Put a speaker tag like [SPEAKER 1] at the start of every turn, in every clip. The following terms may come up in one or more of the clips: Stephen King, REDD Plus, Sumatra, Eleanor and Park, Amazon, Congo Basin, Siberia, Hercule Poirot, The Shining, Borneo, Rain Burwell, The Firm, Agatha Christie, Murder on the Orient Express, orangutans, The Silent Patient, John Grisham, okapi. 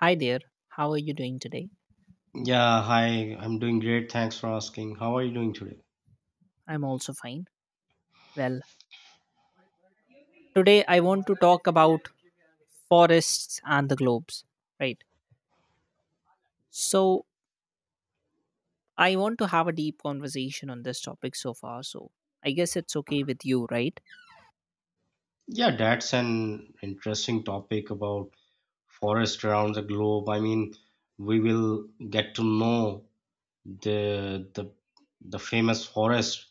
[SPEAKER 1] Hi there, how are you doing today?
[SPEAKER 2] Yeah, hi, I'm doing great. Thanks for asking. How are you doing today?
[SPEAKER 1] I'm also fine. Well, today I want to talk about forests and the globes, right? So, I want to have a deep conversation on this topic so far, so I guess it's okay with you, right?
[SPEAKER 2] Yeah, that's an interesting topic about forest around the globe. I mean, we will get to know the the famous forest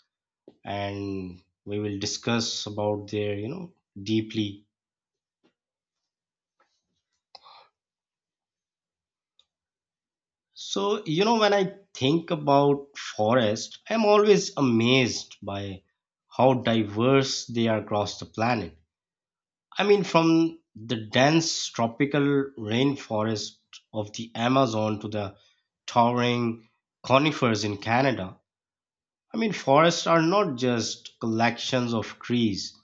[SPEAKER 2] and we will discuss about their deeply. So, when I think about forest, I'm always amazed by how diverse they are across the planet. I mean, from the dense tropical rainforest of the Amazon to the towering conifers in Canada, I mean, forests are not just collections of trees,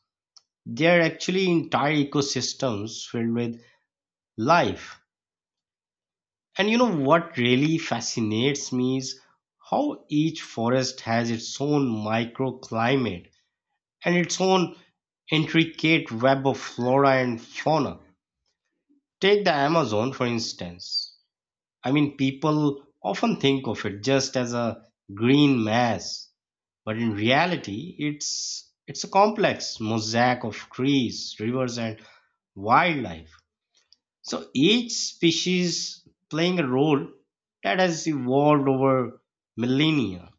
[SPEAKER 2] they are actually entire ecosystems filled with life. And you know what really fascinates me is how each forest has its own microclimate and its own intricate web of flora and fauna. Take the Amazon, for instance. I mean, people often think of it just as a green mass, but in reality, it's a complex mosaic of trees, rivers, and wildlife. So each species playing a role that has evolved over millennia,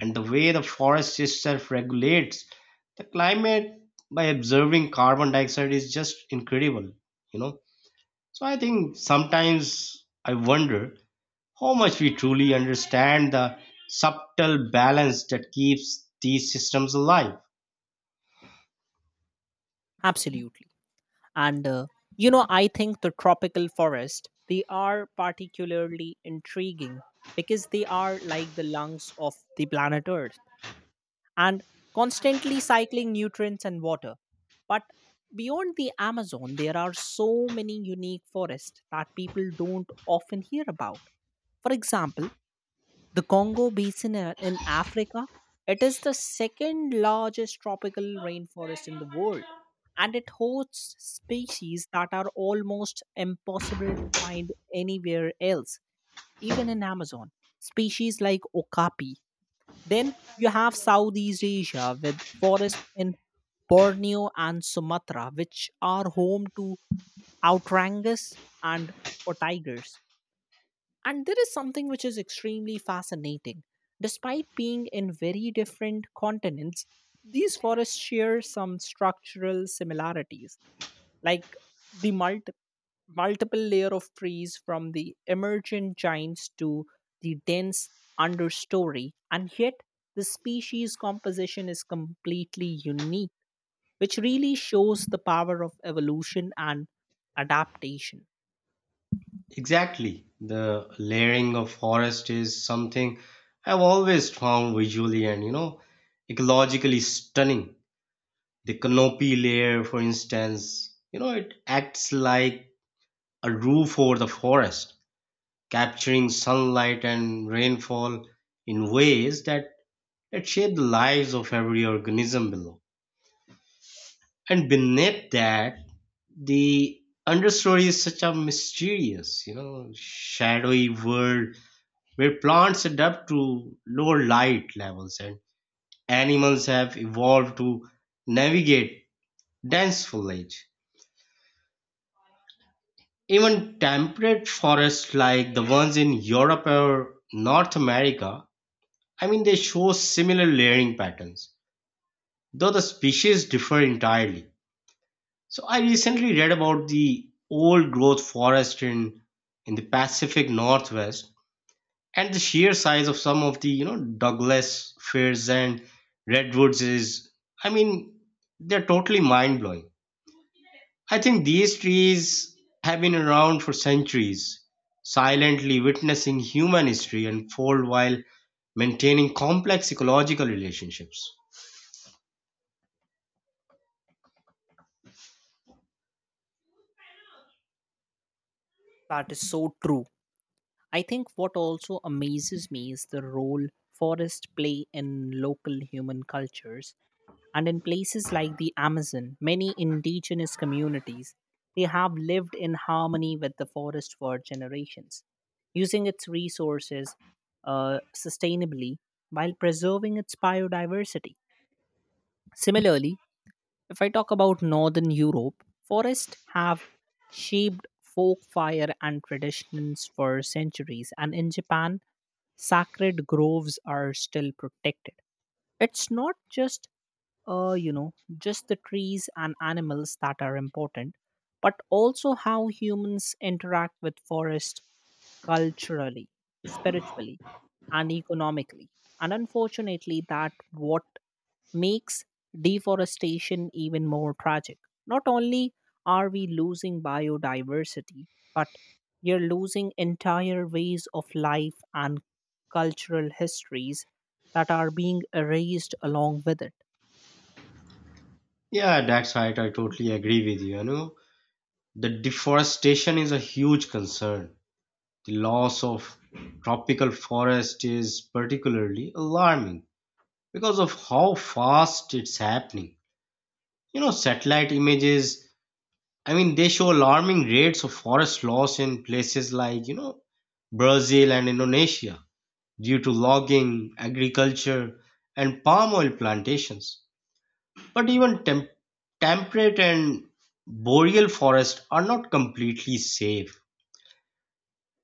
[SPEAKER 2] and the way the forest itself regulates the climate by absorbing carbon dioxide is just incredible. You know, so I think sometimes I wonder how much we truly understand the subtle balance that keeps these systems alive.
[SPEAKER 1] Absolutely. And uh, I think the tropical forest they are particularly intriguing because they are like the lungs of the planet Earth and constantly cycling nutrients and water. But beyond the Amazon, there are so many unique forests that people don't often hear about. For example, the Congo Basin in Africa, it is the second largest tropical rainforest in the world, and it hosts species that are almost impossible to find anywhere else, even in Amazon. Species like okapi. Then you have Southeast Asia with forests in Borneo and Sumatra, which are home to outrangus and for tigers. And there is something which is extremely fascinating. Despite being in very different continents, these forests share some structural similarities, like the multiple layer of trees from the emergent giants to the dense understory, and yet the species composition is completely unique, which really shows the power of evolution and adaptation.
[SPEAKER 2] Exactly. The layering of forest is something I've always found visually and, you know, ecologically stunning. The canopy layer, for instance, you know, it acts like a roof over the forest, capturing sunlight and rainfall in ways that it shaped the lives of every organism below. And beneath that, the understory is such a mysterious, you know, shadowy world where plants adapt to lower light levels and animals have evolved to navigate dense foliage. Even temperate forests like the ones in Europe or North America, I mean, they show similar layering patterns, though the species differ entirely. So I recently read about the old growth forest in the Pacific Northwest, and the sheer size of some of the, you know, Douglas firs and redwoods is, I mean, they're totally mind blowing. I think these trees have been around for centuries, silently witnessing human history unfold while maintaining complex ecological relationships.
[SPEAKER 1] That is so true. I think what also amazes me is the role forests play in local human cultures. And in places like the Amazon, many indigenous communities they have lived in harmony with the forest for generations, using its resources sustainably while preserving its biodiversity. Similarly, if I talk about Northern Europe, forests have shaped folk fire and traditions for centuries, and in Japan, sacred groves are still protected. It's not just just the trees and animals that are important, but also how humans interact with forest culturally, spiritually, and economically. And unfortunately, that what makes deforestation even more tragic. Not only are we losing biodiversity, but you're losing entire ways of life and cultural histories that are being erased along with it.
[SPEAKER 2] Yeah, that's right. I totally agree with you. You know, the deforestation is a huge concern; the loss of tropical forest is particularly alarming because of how fast it's happening. You know, satellite images, I mean, they show alarming rates of forest loss in places like, you know, Brazil and Indonesia due to logging, agriculture, and palm oil plantations. But even temperate and boreal forests are not completely safe.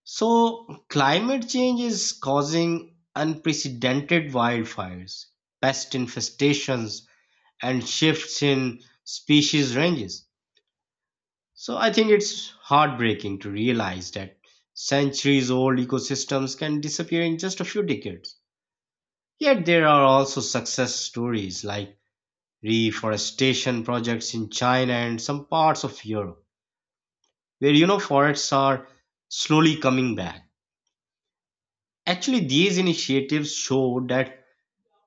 [SPEAKER 2] So, climate change is causing unprecedented wildfires, pest infestations, and shifts in species ranges. So, I think it's heartbreaking to realize that centuries old ecosystems can disappear in just a few decades. Yet, there are also success stories like reforestation projects in China and some parts of Europe, where you know forests are slowly coming back. Actually, these initiatives show that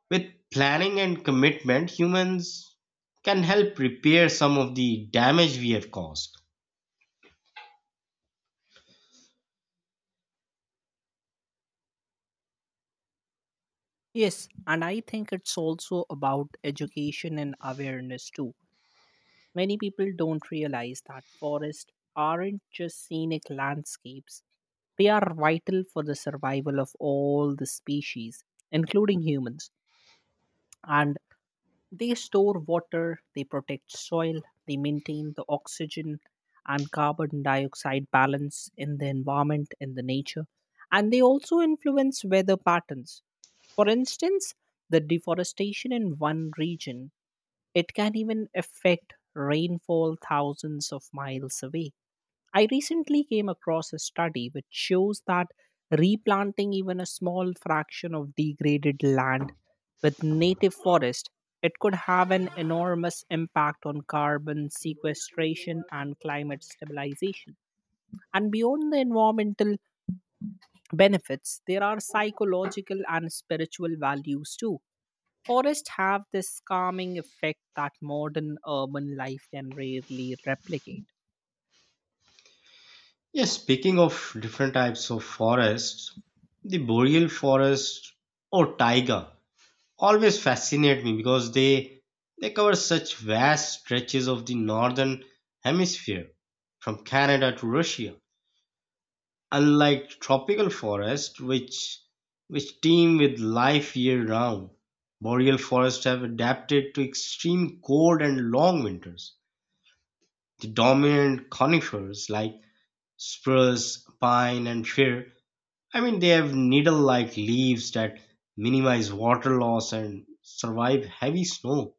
[SPEAKER 2] with planning and commitment, humans can help repair some of the damage we have caused.
[SPEAKER 1] Yes, and I think it's also about education and awareness too. Many people don't realize that forests aren't just scenic landscapes. They are vital for the survival of all the species, including humans. And they store water, they protect soil, they maintain the oxygen and carbon dioxide balance in the environment, in the nature, and they also influence weather patterns. For instance, the deforestation in one region, it can even affect rainfall thousands of miles away. I recently came across a study which shows that replanting even a small fraction of degraded land with native forest it could have an enormous impact on carbon sequestration and climate stabilization. And beyond the environmental benefits there are psychological and spiritual values too. Forests have this calming effect that modern urban life can rarely replicate.
[SPEAKER 2] Yes, speaking of different types of forests, the boreal forest or taiga always fascinate me because they cover such vast stretches of the northern hemisphere from Canada to Russia. Unlike tropical forests, which teem with life year-round, boreal forests have adapted to extreme cold and long winters. The dominant conifers like spruce, pine, and fir, I mean, they have needle-like leaves that minimize water loss and survive heavy snow.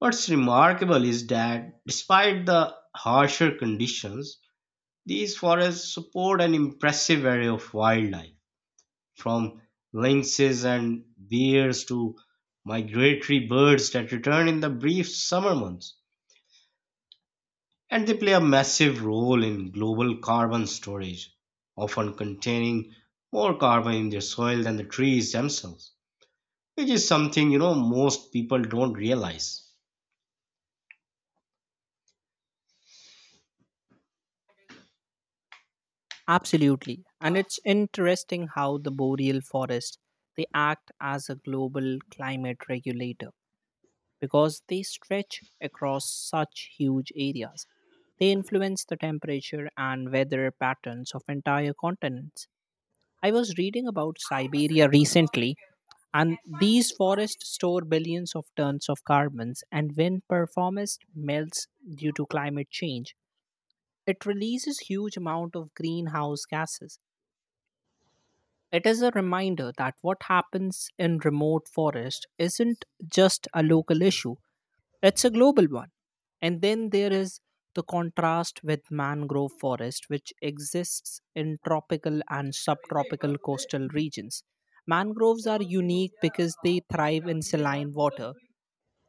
[SPEAKER 2] What's remarkable is that despite the harsher conditions, these forests support an impressive array of wildlife from lynxes and bears to migratory birds that return in the brief summer months. And they play a massive role in global carbon storage, often containing more carbon in their soil than the trees themselves, which is something, you know, most people don't realize.
[SPEAKER 1] Absolutely. And it's interesting how the boreal forest they act as a global climate regulator because they stretch across such huge areas. They influence the temperature and weather patterns of entire continents. I was reading about Siberia recently and these forests store billions of tons of carbons and when performance melts due to climate change it releases huge amount of greenhouse gases. It is a reminder that what happens in remote forest isn't just a local issue, it's a global one. And then there is the contrast with mangrove forest, which exists in tropical and subtropical coastal regions. Mangroves are unique because they thrive in saline water,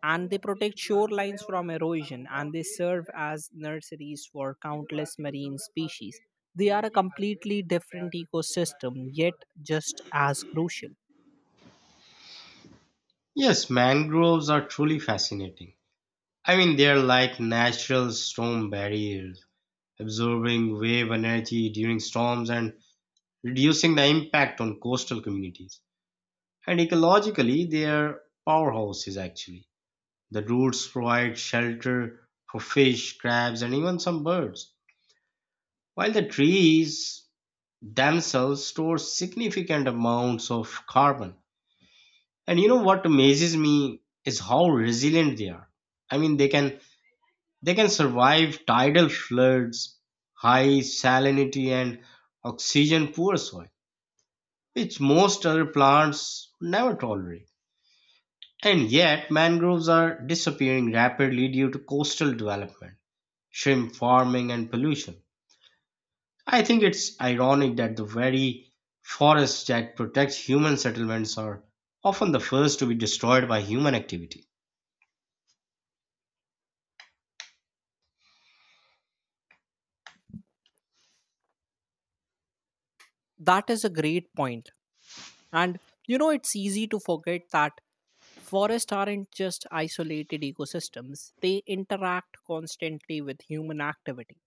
[SPEAKER 1] and they protect shorelines from erosion and they serve as nurseries for countless marine species. They are a completely different ecosystem, yet just as crucial.
[SPEAKER 2] Yes, mangroves are truly fascinating. I mean, they're like natural storm barriers, absorbing wave energy during storms and reducing the impact on coastal communities. And ecologically, they are powerhouses actually. The roots provide shelter for fish, crabs, and even some birds, while the trees themselves store significant amounts of carbon. And you know what amazes me is how resilient they are. I mean, they can survive tidal floods, high salinity, and oxygen poor soil which most other plants never tolerate. And yet, mangroves are disappearing rapidly due to coastal development, shrimp farming, and pollution. I think it's ironic that the very forests that protect human settlements are often the first to be destroyed by human activity.
[SPEAKER 1] That is a great point. And you know, it's easy to forget that forests aren't just isolated ecosystems, they interact constantly with human activity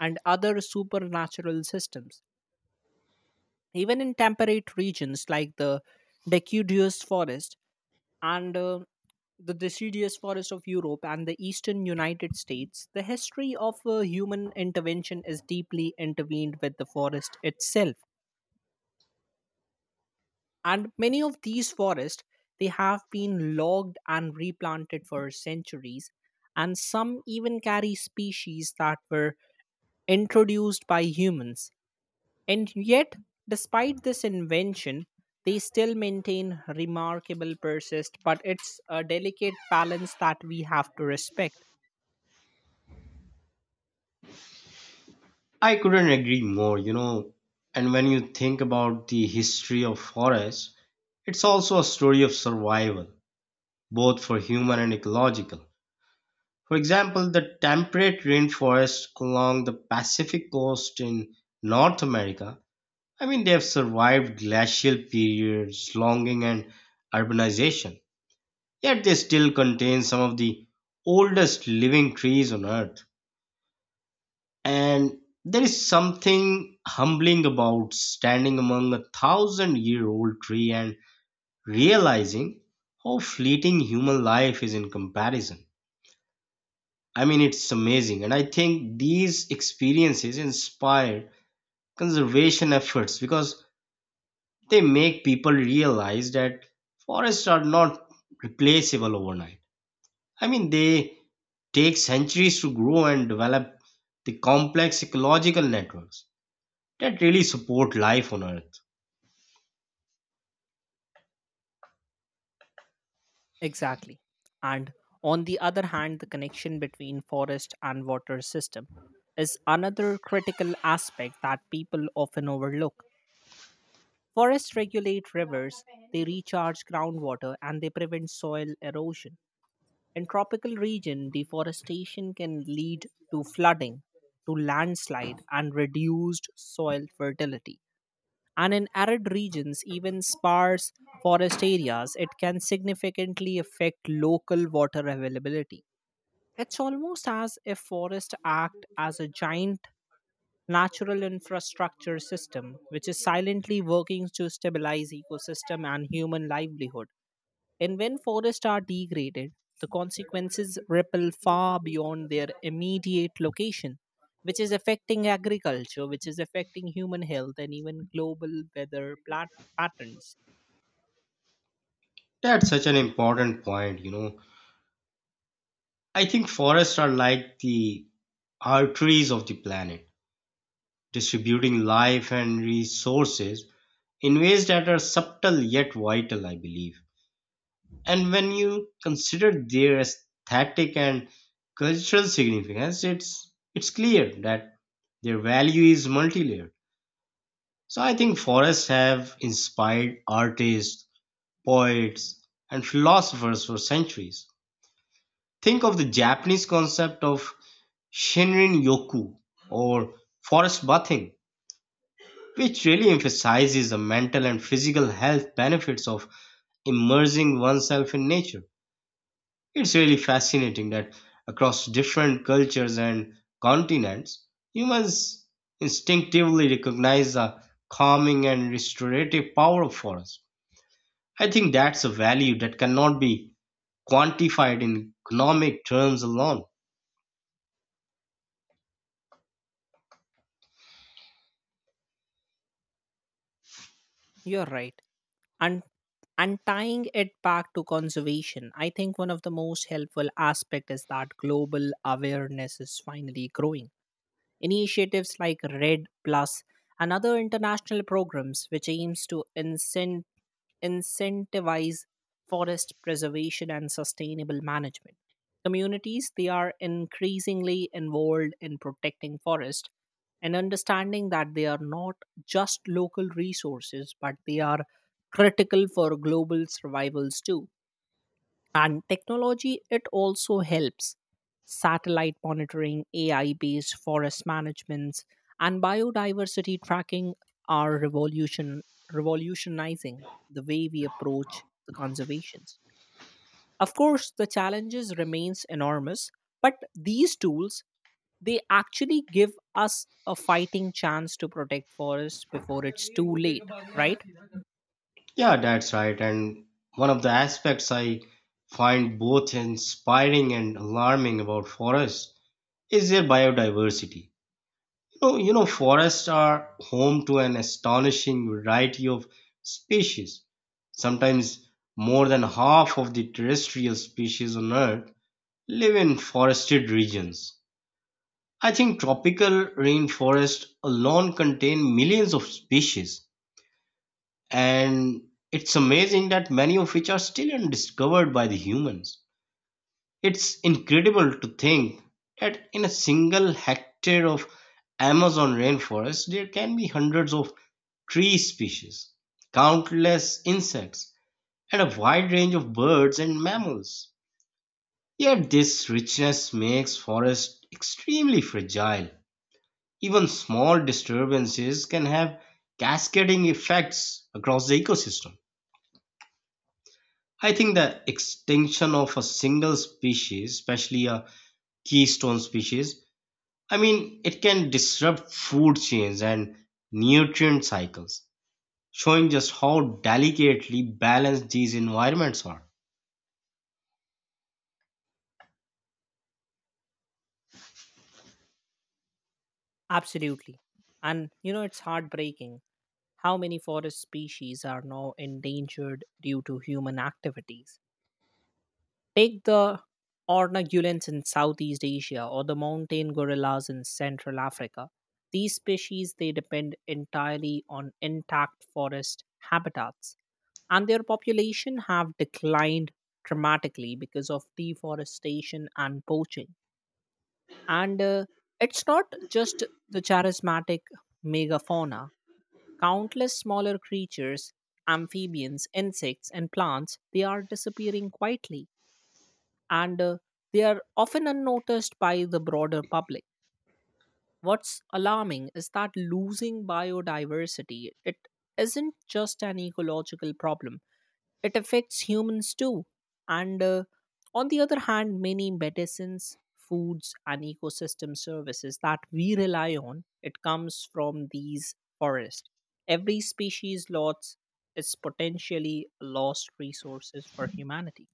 [SPEAKER 1] and other supernatural systems. Even in temperate regions like the deciduous forest, and the deciduous forest of Europe and the eastern United States, the history of human intervention is deeply intervened with the forest itself. And many of these forests, they have been logged and replanted for centuries, and some even carry species that were introduced by humans. And yet, despite this invention, they still maintain remarkable persist, but it's a delicate balance that we have to respect.
[SPEAKER 2] I couldn't agree more, you know. And when you think about the history of forests, it's also a story of survival, both for human and ecological. For example, the temperate rainforests along the Pacific coast in North America, I mean, they have survived glacial periods, logging, and urbanization. Yet they still contain some of the oldest living trees on Earth. And there is something humbling about standing among a thousand year old tree and realizing how fleeting human life is in comparison. I mean, it's amazing. And I think these experiences inspire conservation efforts because they make people realize that forests are not replaceable overnight. I mean, they take centuries to grow and develop the complex ecological networks that really support life on Earth.
[SPEAKER 1] Exactly. And on the other hand, the connection between forest and water system is another critical aspect that people often overlook. Forests regulate rivers, they recharge groundwater, and they prevent soil erosion. In tropical region, deforestation can lead to flooding, to landslide and reduced soil fertility. And in arid regions, even sparse forest areas, it can significantly affect local water availability. It's almost as if forests act as a giant natural infrastructure system which is silently working to stabilize ecosystem and human livelihood. And when forests are degraded, the consequences ripple far beyond their immediate location, which is affecting agriculture, which is affecting human health, and even global weather patterns.
[SPEAKER 2] That's such an important point, you know. I think forests are like the arteries of the planet, distributing life and resources in ways that are subtle yet vital, I believe. And when you consider their aesthetic and cultural significance, it's clear that their value is multi-layered. So I think forests have inspired artists, poets, and philosophers for centuries. Think of the Japanese concept of Shinrin Yoku or forest bathing, which really emphasizes the mental and physical health benefits of immersing oneself in nature. It's really fascinating that across different cultures and continents, humans instinctively recognize the calming and restorative power of forests. I think that's a value that cannot be quantified in economic terms alone.
[SPEAKER 1] You're right. And and tying it back to conservation, I think one of the most helpful aspects is that global awareness is finally growing. Initiatives like RED Plus and other international programs which aims to incentivize forest preservation and sustainable management. Communities they are increasingly involved in protecting forest and understanding that they are not just local resources but they are critical for global survivals too. And technology, it also helps. Satellite monitoring, AI based forest managements, and biodiversity tracking are revolutionizing the way we approach the conservations. Of course, the challenges remains enormous, but these tools, they actually give us a fighting chance to protect forests before it's too late, right?
[SPEAKER 2] Yeah, that's right. And one of the aspects I find both inspiring and alarming about forests is their biodiversity. Oh, you know, forests are home to an astonishing variety of species. Sometimes more than half of the terrestrial species on Earth live in forested regions. I think tropical rainforests alone contain millions of species, and it's amazing that many of which are still undiscovered by the humans. It's incredible to think that in a single hectare of Amazon rainforest, there can be hundreds of tree species, countless insects, and a wide range of birds and mammals. Yet this richness makes forests extremely fragile. Even small disturbances can have cascading effects across the ecosystem. I think the extinction of a single species, especially a keystone species, I mean, it can disrupt food chains and nutrient cycles, showing just how delicately balanced these environments are.
[SPEAKER 1] Absolutely. And you know, it's heartbreaking how many forest species are now endangered due to human activities. Take the ornagulans in Southeast Asia or the mountain gorillas in Central Africa. These species they depend entirely on intact forest habitats and their population have declined dramatically because of deforestation and poaching. And it's not just the charismatic megafauna. Countless smaller creatures, amphibians, insects, and plants, they are disappearing quietly and they are often unnoticed by the broader public. What's alarming is that losing biodiversity, it isn't just an ecological problem. It affects humans too. And on the other hand, many medicines, foods, and ecosystem services that we rely on, it comes from these forests. Every species loss is potentially lost resources for humanity.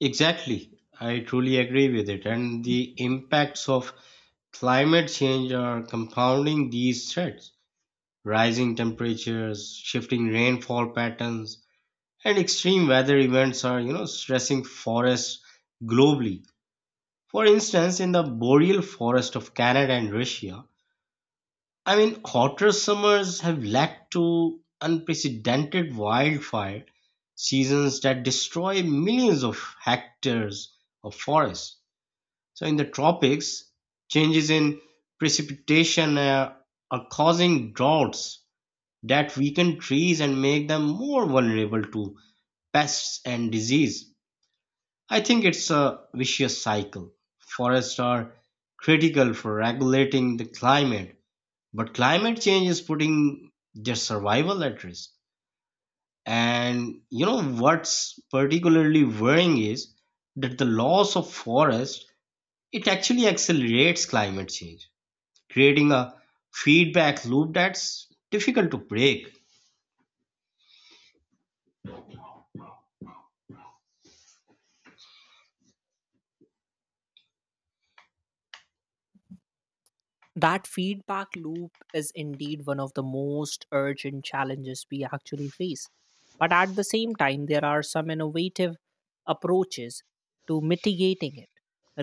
[SPEAKER 2] Exactly. I truly agree with it. And the impacts of climate change are compounding these threats. Rising temperatures, shifting rainfall patterns, and extreme weather events are, you know, stressing forests globally. For instance, in the boreal forest of Canada and Russia, I mean, hotter summers have led to unprecedented wildfire seasons that destroy millions of hectares of forest. So, in the tropics, changes in precipitation are causing droughts that weaken trees and make them more vulnerable to pests and disease. I think it's a vicious cycle. Forests are critical for regulating the climate, but climate change is putting their survival at risk. And you know what's particularly worrying is that the loss of forest, it actually accelerates climate change, creating a feedback loop that's difficult to break.
[SPEAKER 1] That feedback loop is indeed one of the most urgent challenges we actually face. But at the same time, there are some innovative approaches to mitigating it.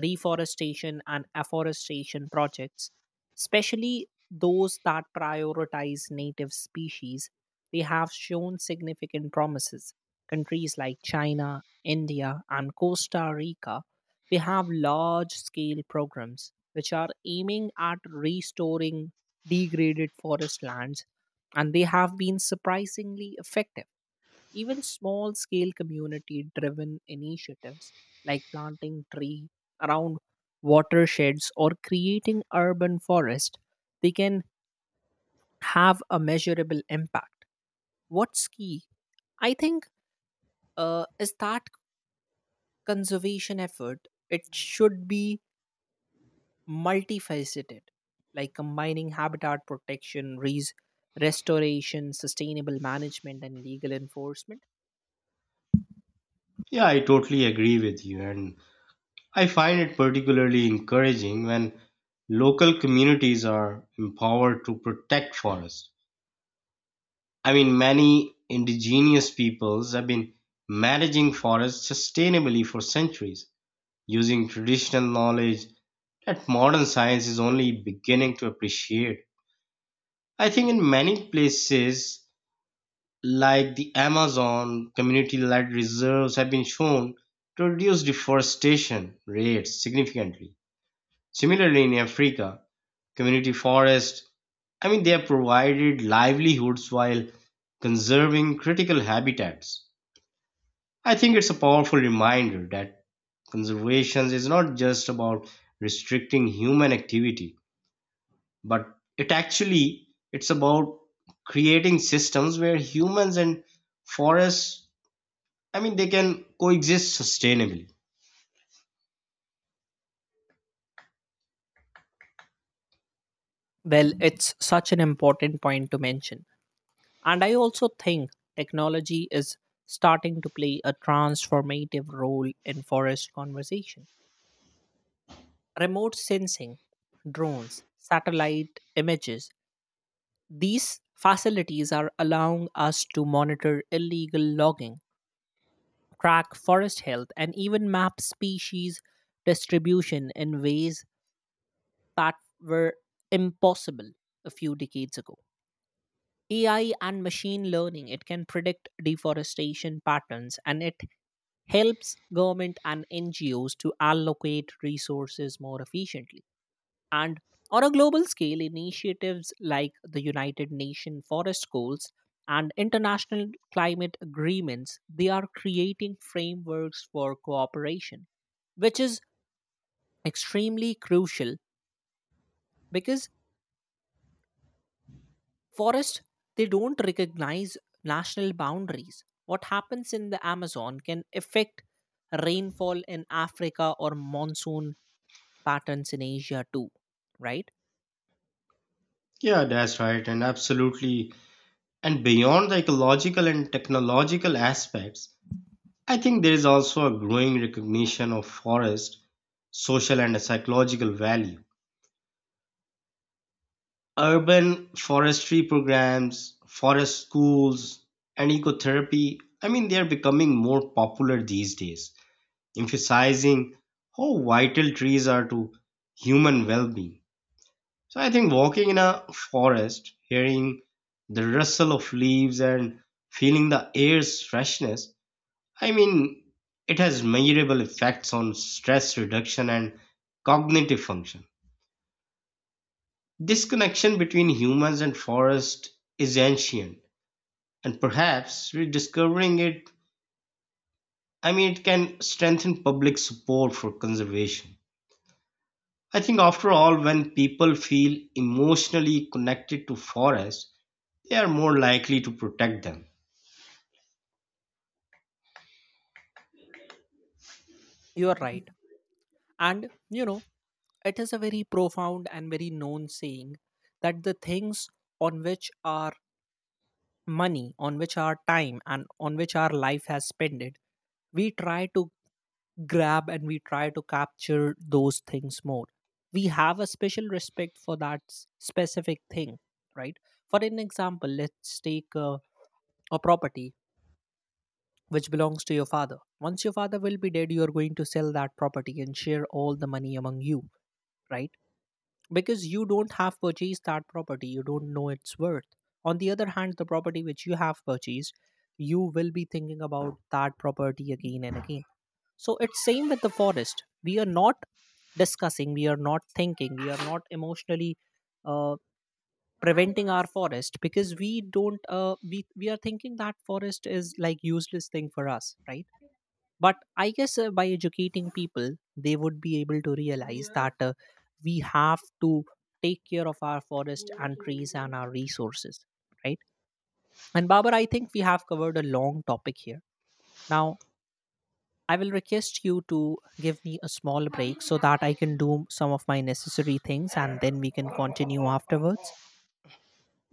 [SPEAKER 1] Reforestation and afforestation projects, especially those that prioritize native species, they have shown significant promises. Countries like China, India, and Costa Rica they have large scale programs which are aiming at restoring degraded forest lands, and they have been surprisingly effective. Even small scale community driven initiatives like planting tree around watersheds or creating urban forest, they can have a measurable impact. What's key I think is that conservation effort. It should be multifaceted, like combining habitat protection, restoration, sustainable management, and legal enforcement.
[SPEAKER 2] Yeah, I totally agree with you. And I find it particularly encouraging when local communities are empowered to protect forests. I mean, many indigenous peoples have been managing forests sustainably for centuries, using traditional knowledge that modern science is only beginning to appreciate. I think in many places, like the Amazon, community led reserves have been shown to reduce deforestation rates significantly. Similarly, in Africa, community forests, I mean, they have provided livelihoods while conserving critical habitats. I think it's a powerful reminder that conservation is not just about restricting human activity, but it's about creating systems where humans and forests, I mean, they can coexist sustainably.
[SPEAKER 1] Well, it's such an important point to mention. And I also think technology is starting to play a transformative role in forest conservation. Remote sensing, drones, satellite images, these facilities are allowing us to monitor illegal logging, track forest health, and even map species distribution in ways that were impossible a few decades ago. AI and machine learning, it can predict deforestation patterns and it helps government and NGOs to allocate resources more efficiently. And on a global scale, initiatives like the United Nations Forest Goals and international climate agreements, they are creating frameworks for cooperation, which is extremely crucial because forests they don't recognize national boundaries. What happens in the Amazon can affect rainfall in Africa or monsoon patterns in Asia too, right?
[SPEAKER 2] Yeah, that's right. And absolutely, and beyond the ecological and technological aspects, I think there is also a growing recognition of forest social and psychological value. Urban forestry programs, forest schools, and ecotherapy, I mean, they are becoming more popular these days, emphasizing how vital trees are to human well being. So I think walking in a forest, hearing the rustle of leaves and feeling the air's freshness, I mean, it has measurable effects on stress reduction and cognitive function. This connection between humans and forest is ancient, and perhaps rediscovering it, I mean, it can strengthen public support for conservation. I think after all, when people feel emotionally connected to forests, they are more likely to protect them.
[SPEAKER 1] You are right. And you know, it is a very profound and very known saying that the things on which our money, on which our time, and on which our life has spent it, we try to grab and we try to capture those things more. We have a special respect for that specific thing, right? For an example, let's take a property which belongs to your father. Once your father will be dead, you are going to sell that property and share all the money among you, right? Because you don't have purchased that property you don't know its worth. On the other hand the property which you have purchased you will be thinking about that property again and again. So it's same with the forest. We are not discussing, we are not thinking, we are not emotionally uh, preventing our forest because we don't we are thinking that forest is like useless thing for us, right? But I guess by educating people they would be able to realize that we have to take care of our forest and trees and our resources, right? And Babar, I think we have covered a long topic here. Now I will request you to give me a small break so that I can do some of my necessary things and then we can continue afterwards.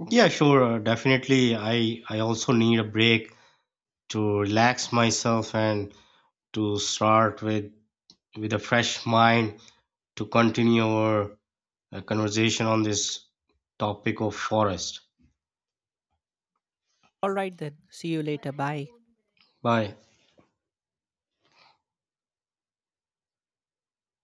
[SPEAKER 2] Yeah, sure. Definitely, I also need a break to relax myself and to start with a fresh mind to continue our conversation on this topic of forest.
[SPEAKER 1] All right then. See you later. Bye.
[SPEAKER 2] Bye.